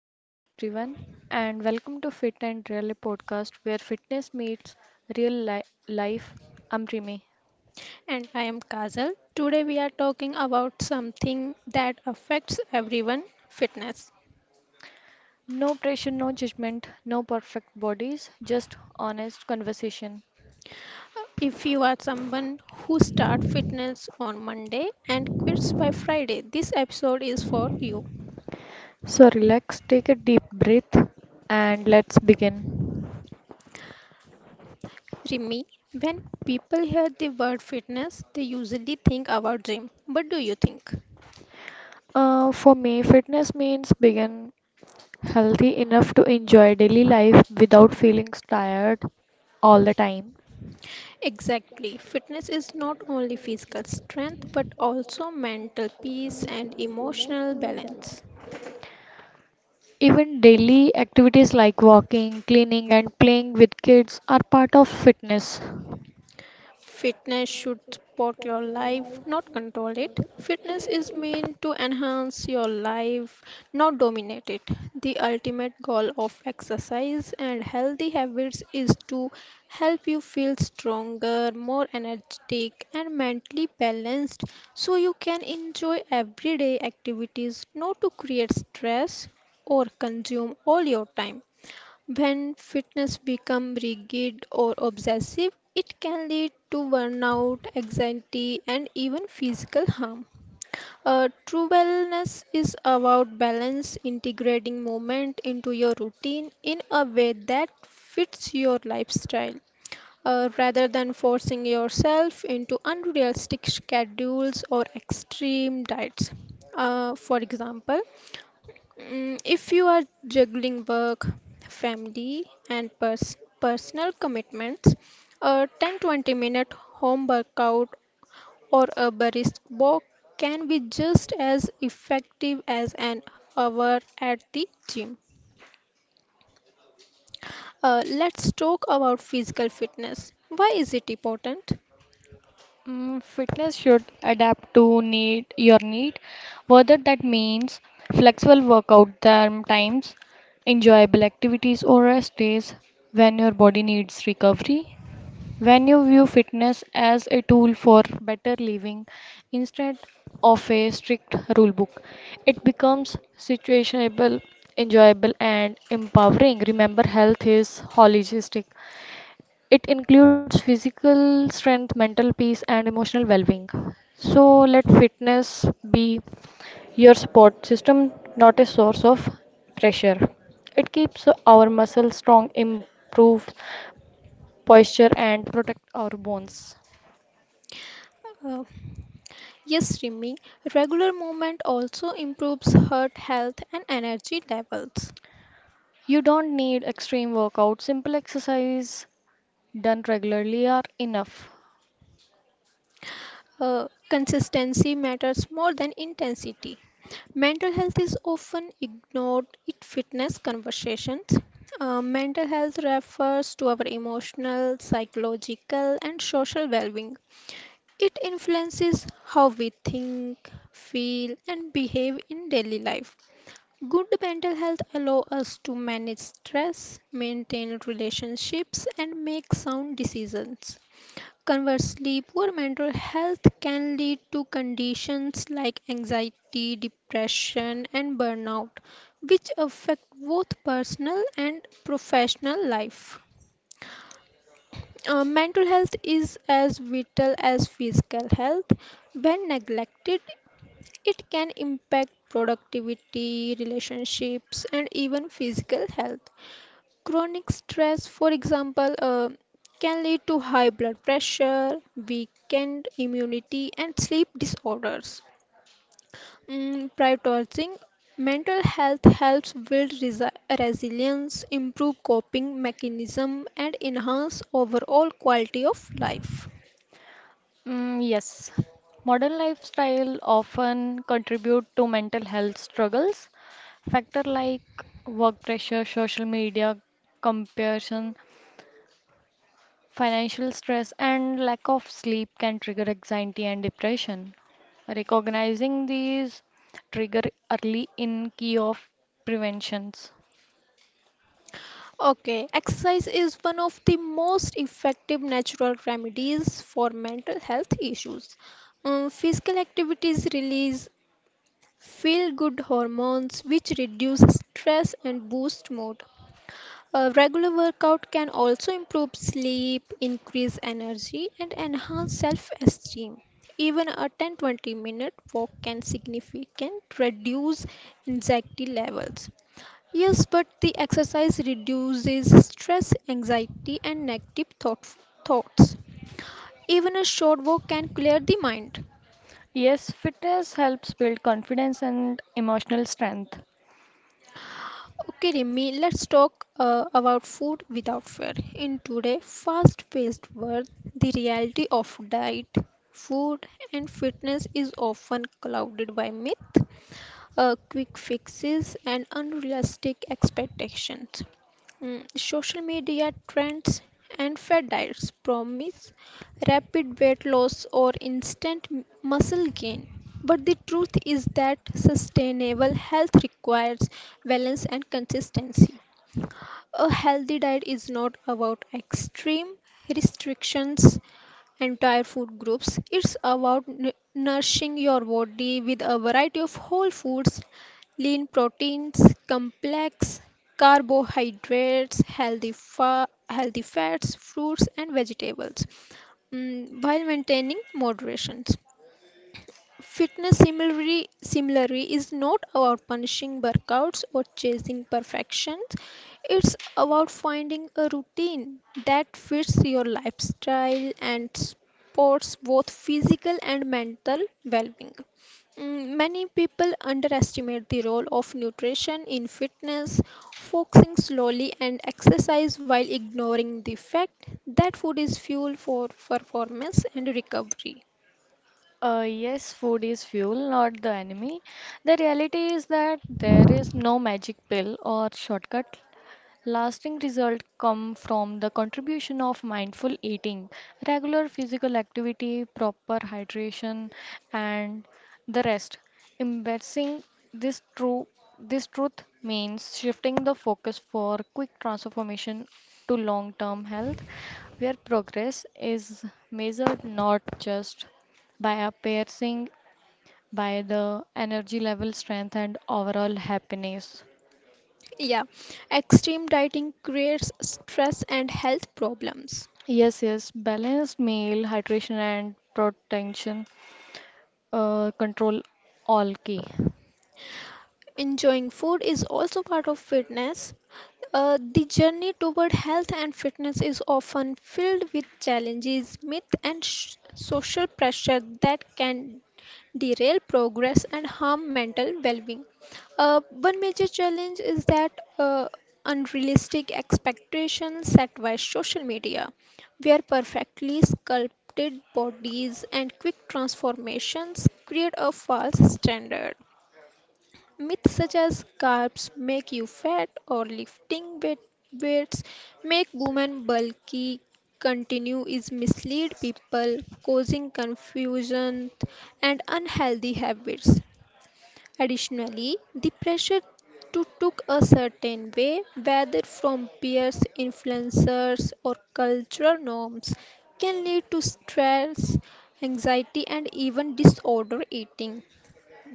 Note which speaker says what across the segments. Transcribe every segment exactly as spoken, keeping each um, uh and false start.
Speaker 1: Hello, everyone, and welcome to Fit and Real podcast where fitness meets real li- life. I'm Rimi.
Speaker 2: And I am Kazal. Today we are talking about something that affects everyone fitness.
Speaker 1: No pressure, no judgment, no perfect bodies, just honest conversation.
Speaker 2: If you are someone who starts fitness on Monday and quits by Friday, this episode is for you.
Speaker 1: So, relax, take a deep breath, and let's begin.
Speaker 2: Rimi, when people hear the word fitness, they usually think about gym. What do you think?
Speaker 1: Uh, for me, fitness means being healthy enough to enjoy daily life without feeling tired all the time.
Speaker 2: Exactly. Fitness is not only physical strength but also mental peace and emotional balance.
Speaker 1: Even daily activities like walking, cleaning, and playing with kids are part of fitness.
Speaker 2: Fitness should support your life, not control it. Fitness is meant to enhance your life, not dominate it. The ultimate goal of exercise and healthy habits is to help you feel stronger, more energetic, and mentally balanced so you can enjoy everyday activities, not to create stress or consume all your time. When fitness becomes rigid or obsessive, it can lead to burnout, anxiety, and even physical harm. Uh, true wellness is about balance, integrating movement into your routine in a way that fits your lifestyle uh, rather than forcing yourself into unrealistic schedules or extreme diets. Uh, for example, mm, if you are juggling work, family, and pers- personal commitments, a ten twenty minute home workout or a brisk walk can be just as effective as an hour at the gym. Uh, let's talk about physical fitness. Why is it important?
Speaker 1: Mm, Fitness should adapt to need your need, whether that means flexible workout time times, enjoyable activities or rest days when your body needs recovery. When you view fitness as a tool for better living instead of a strict rulebook, it becomes situationable, enjoyable, and empowering. Remember, health is holistic, it includes physical strength, mental peace, and emotional well being. So, let fitness be your support system, not a source of pressure. It keeps our muscles strong, improves posture, and protects our bones.
Speaker 2: Uh, yes, Rimi, regular movement also improves heart health and energy levels.
Speaker 1: You don't need extreme workout. Simple exercise done regularly are enough.
Speaker 2: Uh, consistency matters more than intensity. Mental health is often ignored in fitness conversations. Uh, mental health refers to our emotional, psychological, and social well being. It influences how we think, feel, and behave in daily life. Good mental health allows us to manage stress, maintain relationships, and make sound decisions. Conversely, poor mental health can lead to conditions like anxiety, depression, and burnout, which affect both personal and professional life. Uh, mental health is as vital as physical health. When neglected, it can impact productivity, relationships, and even physical health. Chronic stress, for example, uh, can lead to high blood pressure, weakened immunity, and sleep disorders. Mm, prioritizing mental health helps build resi- resilience, improve coping mechanism, and enhance overall quality of life.
Speaker 1: Mm, yes. Modern lifestyle often contribute to mental health struggles. Factor like work pressure, social media comparison, financial stress, and lack of sleep can trigger anxiety and depression. Recognizing these trigger early in key of preventions.
Speaker 2: Okay, exercise is one of the most effective natural remedies for mental health issues. Um, physical activities release feel good hormones which reduce stress and boost mood. A regular workout can also improve sleep, increase energy, and enhance self esteem. Even a ten twenty minute walk can significantly reduce anxiety levels. Yes, but the exercise reduces stress, anxiety, and negative thought- thoughts. Even a short walk can clear the mind.
Speaker 1: Yes, fitness helps build confidence and emotional strength.
Speaker 2: Okay, Rimi, let's talk uh, about food without fear. In today's fast-paced world, the reality of diet, food, and fitness is often clouded by myth, uh, quick fixes, and unrealistic expectations. Mm, social media trends and fad diets promise rapid weight loss or instant m- muscle gain. But the truth is that sustainable health requires balance and consistency. A healthy diet is not about extreme restrictions, entire food groups. It's about nu- nourishing your body with a variety of whole foods, lean proteins, complex carbohydrates, healthy, fa- healthy fats, fruits, and vegetables, mm, while maintaining moderations. Fitness similarly, similarly is not about punishing workouts or chasing perfections. It's about finding a routine that fits your lifestyle and supports both physical and mental well-being. Mm, Many people underestimate the role of nutrition in fitness, focusing slowly and exercise while ignoring the fact that food is fuel for performance and recovery.
Speaker 1: Uh, yes, food is fuel, not the enemy. The reality is that there is no magic pill or shortcut. Lasting results come from the contribution of mindful eating, regular physical activity, proper hydration, and the rest. Embracing this true this truth means shifting the focus for quick transformation to long-term health, where progress is measured not just by appearing by the energy level, strength, and overall happiness.
Speaker 2: Yeah, extreme dieting creates stress and health problems.
Speaker 1: Yes, yes, balanced meal, hydration and protection uh, control all key.
Speaker 2: Enjoying food is also part of fitness. Uh, the journey toward health and fitness is often filled with challenges, myth, and sh- social pressure that can derail progress and harm mental well-being. Uh, one major challenge is that uh, unrealistic expectations set by social media, where perfectly sculpted bodies and quick transformations create a false standard. Myths such as carbs make you fat or lifting weight, weights make women bulky continue is mislead people, causing confusion and unhealthy habits. Additionally, the pressure to look a certain way, whether from peers, influencers, or cultural norms, can lead to stress, anxiety, and even disorder eating.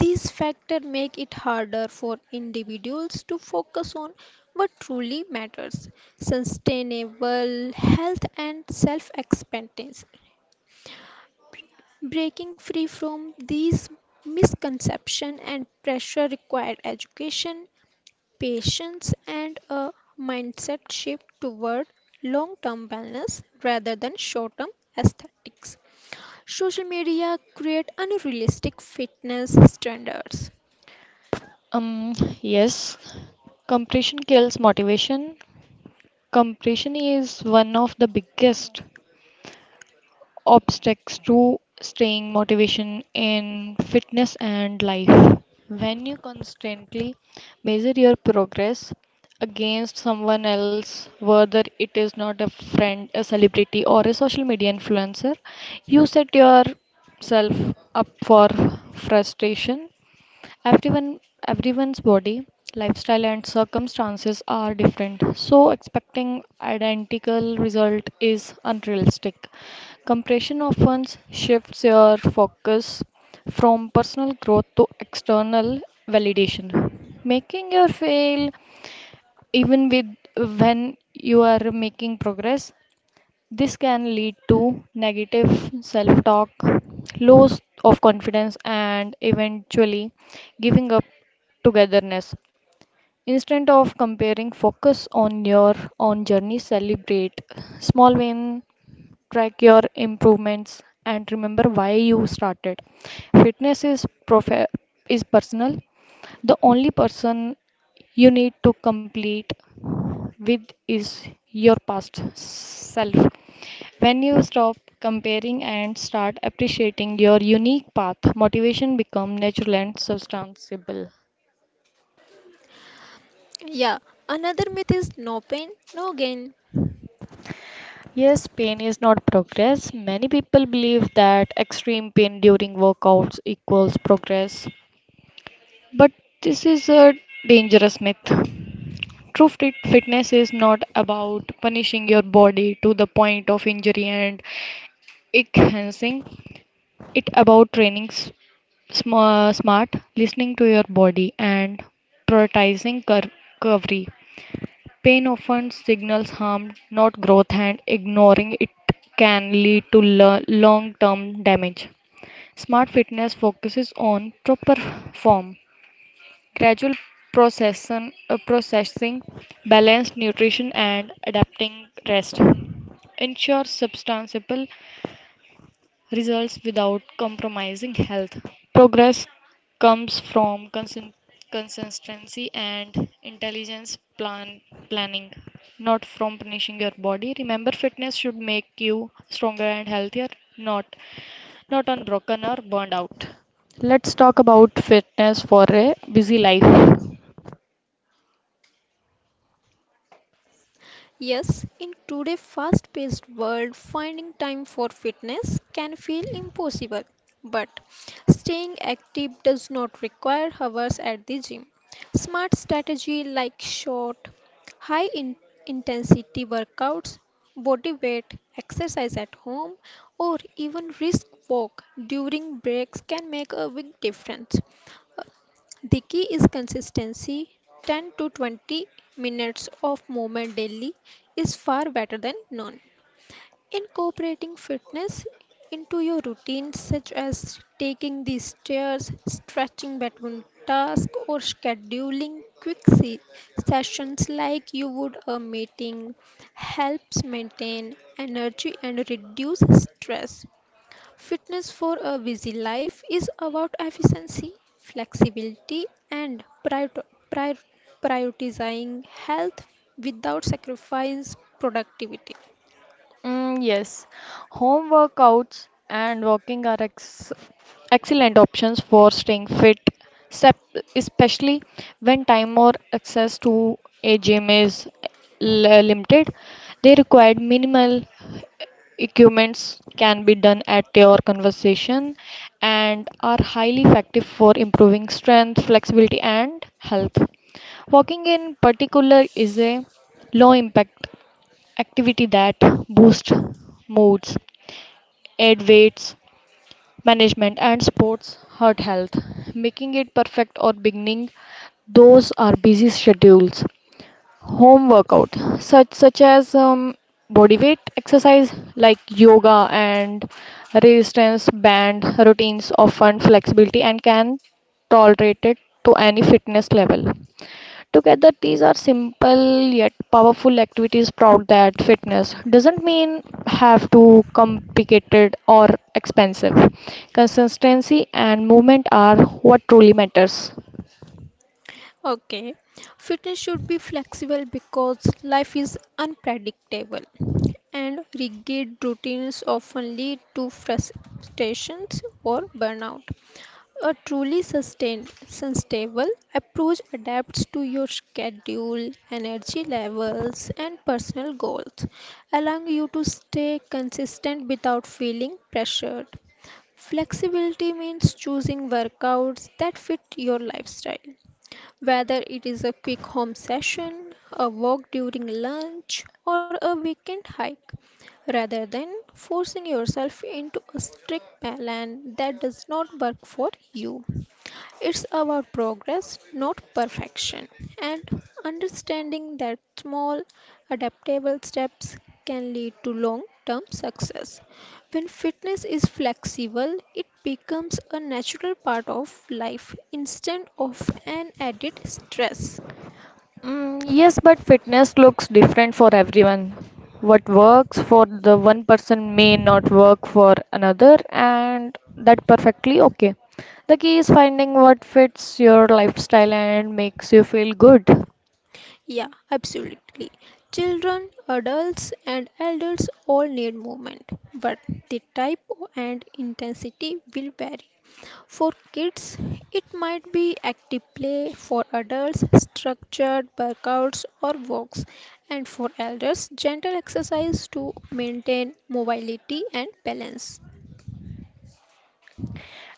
Speaker 2: These factors make it harder for individuals to focus on what truly matters sustainable health and self acceptance. Breaking free from these misconceptions and pressure require education, patience, and a mindset shift toward long term wellness rather than short term aesthetics. Social media create unrealistic fitness standards.
Speaker 1: Um, yes, compression kills motivation. Compression is one of the biggest obstacles to staying motivation in fitness and life. When you constantly measure your progress against someone else, whether it is not a friend, a celebrity, or a social media influencer, you set yourself up for frustration. Everyone, Everyone's body, lifestyle, and circumstances are different, so expecting identical result is unrealistic. Compression often shifts your focus from personal growth to external validation, making you fail even with when you are making progress. This can lead to negative self talk, loss of confidence, and eventually giving up togetherness. Instead of comparing, focus on your own journey, celebrate small wins, track your improvements, and remember why you started. Fitness is, prof- is personal. The only person you need to complete with is your past self. When you stop comparing and start appreciating your unique path, motivation becomes natural and sustainable.
Speaker 2: Yeah, another myth is no pain, no gain.
Speaker 1: Yes, pain is not progress. Many people believe that extreme pain during workouts equals progress, but this is a dangerous myth. True fit fitness is not about punishing your body to the point of injury and enhancing it, about training sm- smart, listening to your body, and prioritizing cur- recovery. Pain often signals harm, not growth, and ignoring it can lead to long term damage. Smart fitness focuses on proper form, gradual procession, uh, processing, balanced nutrition, and adapting rest. Ensure substantial results without compromising health. Progress comes from consin- consistency and intelligence plan planning, not from punishing your body. Remember, fitness should make you stronger and healthier, not not unbroken or burned out. Let's talk about fitness for a busy life.
Speaker 2: Yes, in today's fast paced world, finding time for fitness can feel impossible. But staying active does not require hours at the gym. Smart strategy like short, high in- intensity workouts, body weight exercise at home, or even brisk walk during breaks can make a big difference. The key is consistency. ten to twenty minutes of movement daily is far better than none. Incorporating fitness into your routine, such as taking the stairs, stretching between tasks, or scheduling quick se- sessions like you would a meeting, helps maintain energy and reduce stress. Fitness for a busy life is about efficiency, flexibility, and prior- prior- prioritizing health without sacrifice productivity.
Speaker 1: Mm, yes, home workouts and walking are ex excellent options for staying fit, sep- especially when time or access to a gym is l- limited. They require minimal equipments, can be done at your conversation, and are highly effective for improving strength, flexibility, and health. Walking in particular is a low impact activity that boost moods, aid weights management, and supports heart health, making it perfect or beginning. Those are busy schedules. Home workout, such such as um, body weight exercise like yoga and resistance band routines, offer flexibility and can tolerate it to any fitness level. Together, these are simple yet powerful activities proud that fitness doesn't mean have to complicated or expensive. Consistency and movement are what truly matters.
Speaker 2: Okay, fitness should be flexible because life is unpredictable, and rigid routines often lead to frustrations or burnout. A truly sustain, sustainable approach adapts to your schedule, energy levels, and personal goals, allowing you to stay consistent without feeling pressured. Flexibility means choosing workouts that fit your lifestyle whether it is a quick home session, a walk during lunch, or a weekend hike, rather than forcing yourself into a strict plan that does not work for you. It's about progress, not perfection, and understanding that small, adaptable steps can lead to long term success. When fitness is flexible, it becomes a natural part of life instead of an added stress.
Speaker 1: Mm, yes, but fitness looks different for everyone. What works for the one person may not work for another, and that perfectly okay. The key is finding what fits your lifestyle and makes you feel good.
Speaker 2: Yeah, absolutely. Children, adults, and elders all need movement, but the type and intensity will vary. For kids, it might be active play, for adults, structured workouts or walks, and for elders, gentle exercise to maintain mobility and balance.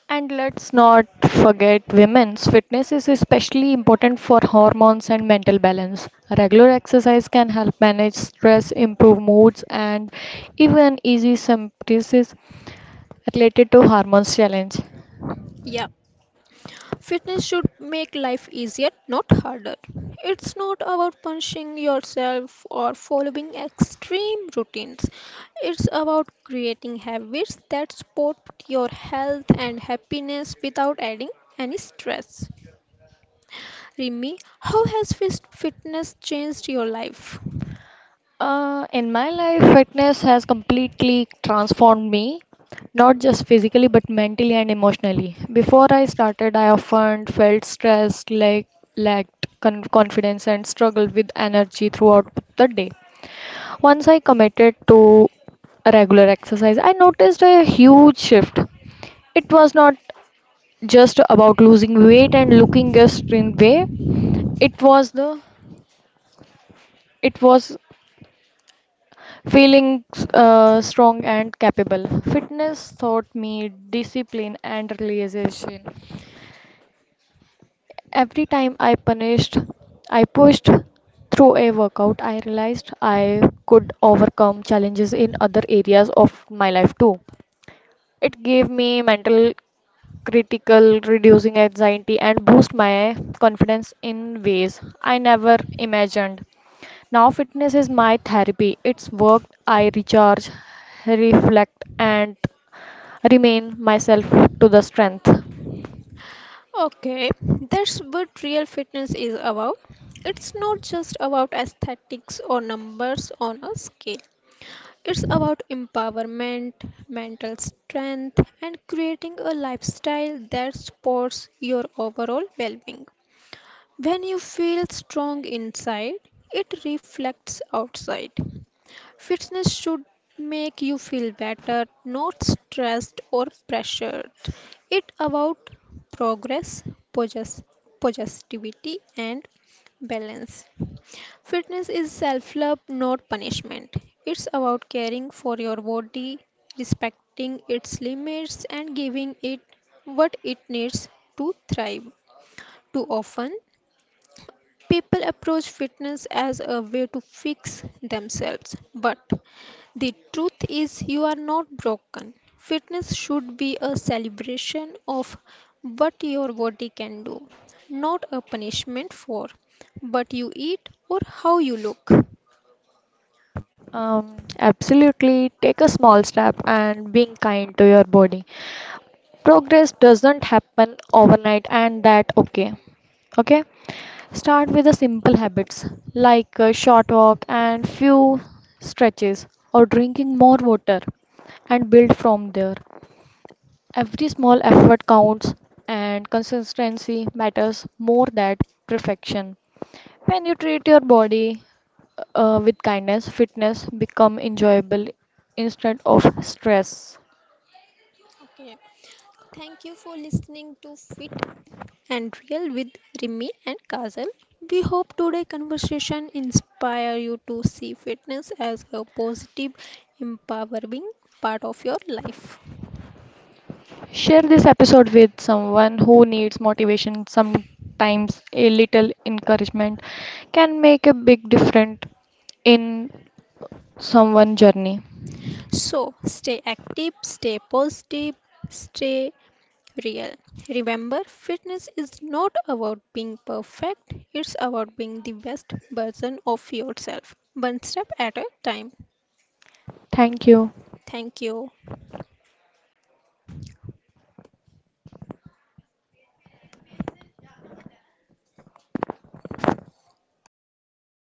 Speaker 1: And let's not forget women's fitness is especially important for hormones and mental balance. Regular exercise can help manage stress, improve moods, and even easy symptoms related to hormones challenge.
Speaker 2: Yeah, fitness should make life easier, not harder. It's not about punishing yourself or following extreme routines. It's about creating habits that support your health and happiness without adding any stress. Rimi, how has fit- fitness changed your life?
Speaker 1: Uh, in my life, fitness has completely transformed me, not just physically but mentally and emotionally. Before I started, I often felt stressed, like lacked con- confidence, and struggled with energy throughout the day. Once I committed to regular exercise, I noticed a huge shift. It was not just about losing weight and looking a certain way. It was the it was feeling uh, strong and capable. Fitness taught me discipline and realization. Every time I punished, I pushed through a workout, I realized I could overcome challenges in other areas of my life too. It gave me mental critical, reducing anxiety and boost my confidence in ways I never imagined. Now fitness is my therapy. It's worked. I recharge, reflect and remain myself to the strength.
Speaker 2: Okay, that's what real fitness is about. It's not just about aesthetics or numbers on a scale. It's about empowerment, mental strength, and creating a lifestyle that supports your overall well being. When you feel strong inside, it reflects outside. Fitness should make you feel better, not stressed or pressured. It about progress, possess, positivity and balance. Fitness is self-love, not punishment. It's about caring for your body, respecting its limits and giving it what it needs to thrive. Too often, people approach fitness as a way to fix themselves, but the truth is, you are not broken. Fitness should be a celebration of what your body can do, not a punishment for what you eat or how you look.
Speaker 1: Um, absolutely take a small step and being kind to your body. Progress doesn't happen overnight and that okay okay, start with the simple habits like a short walk and few stretches or drinking more water and build from there. Every small effort counts and consistency matters more than perfection. When you treat your body uh, with kindness fitness become enjoyable instead of stress.
Speaker 2: Okay. Thank you for listening to Fit and Real with Rimi and Kazal. We hope today conversation inspire you to see fitness as a positive, empowering part of your life.
Speaker 1: Share this episode with someone who needs motivation. Sometimes a little encouragement can make a big difference in someone's journey.
Speaker 2: So stay active, stay positive, stay real. Remember, fitness is not about being perfect, it's about being the best version of yourself, one step at a time.
Speaker 1: Thank you.
Speaker 2: Thank you.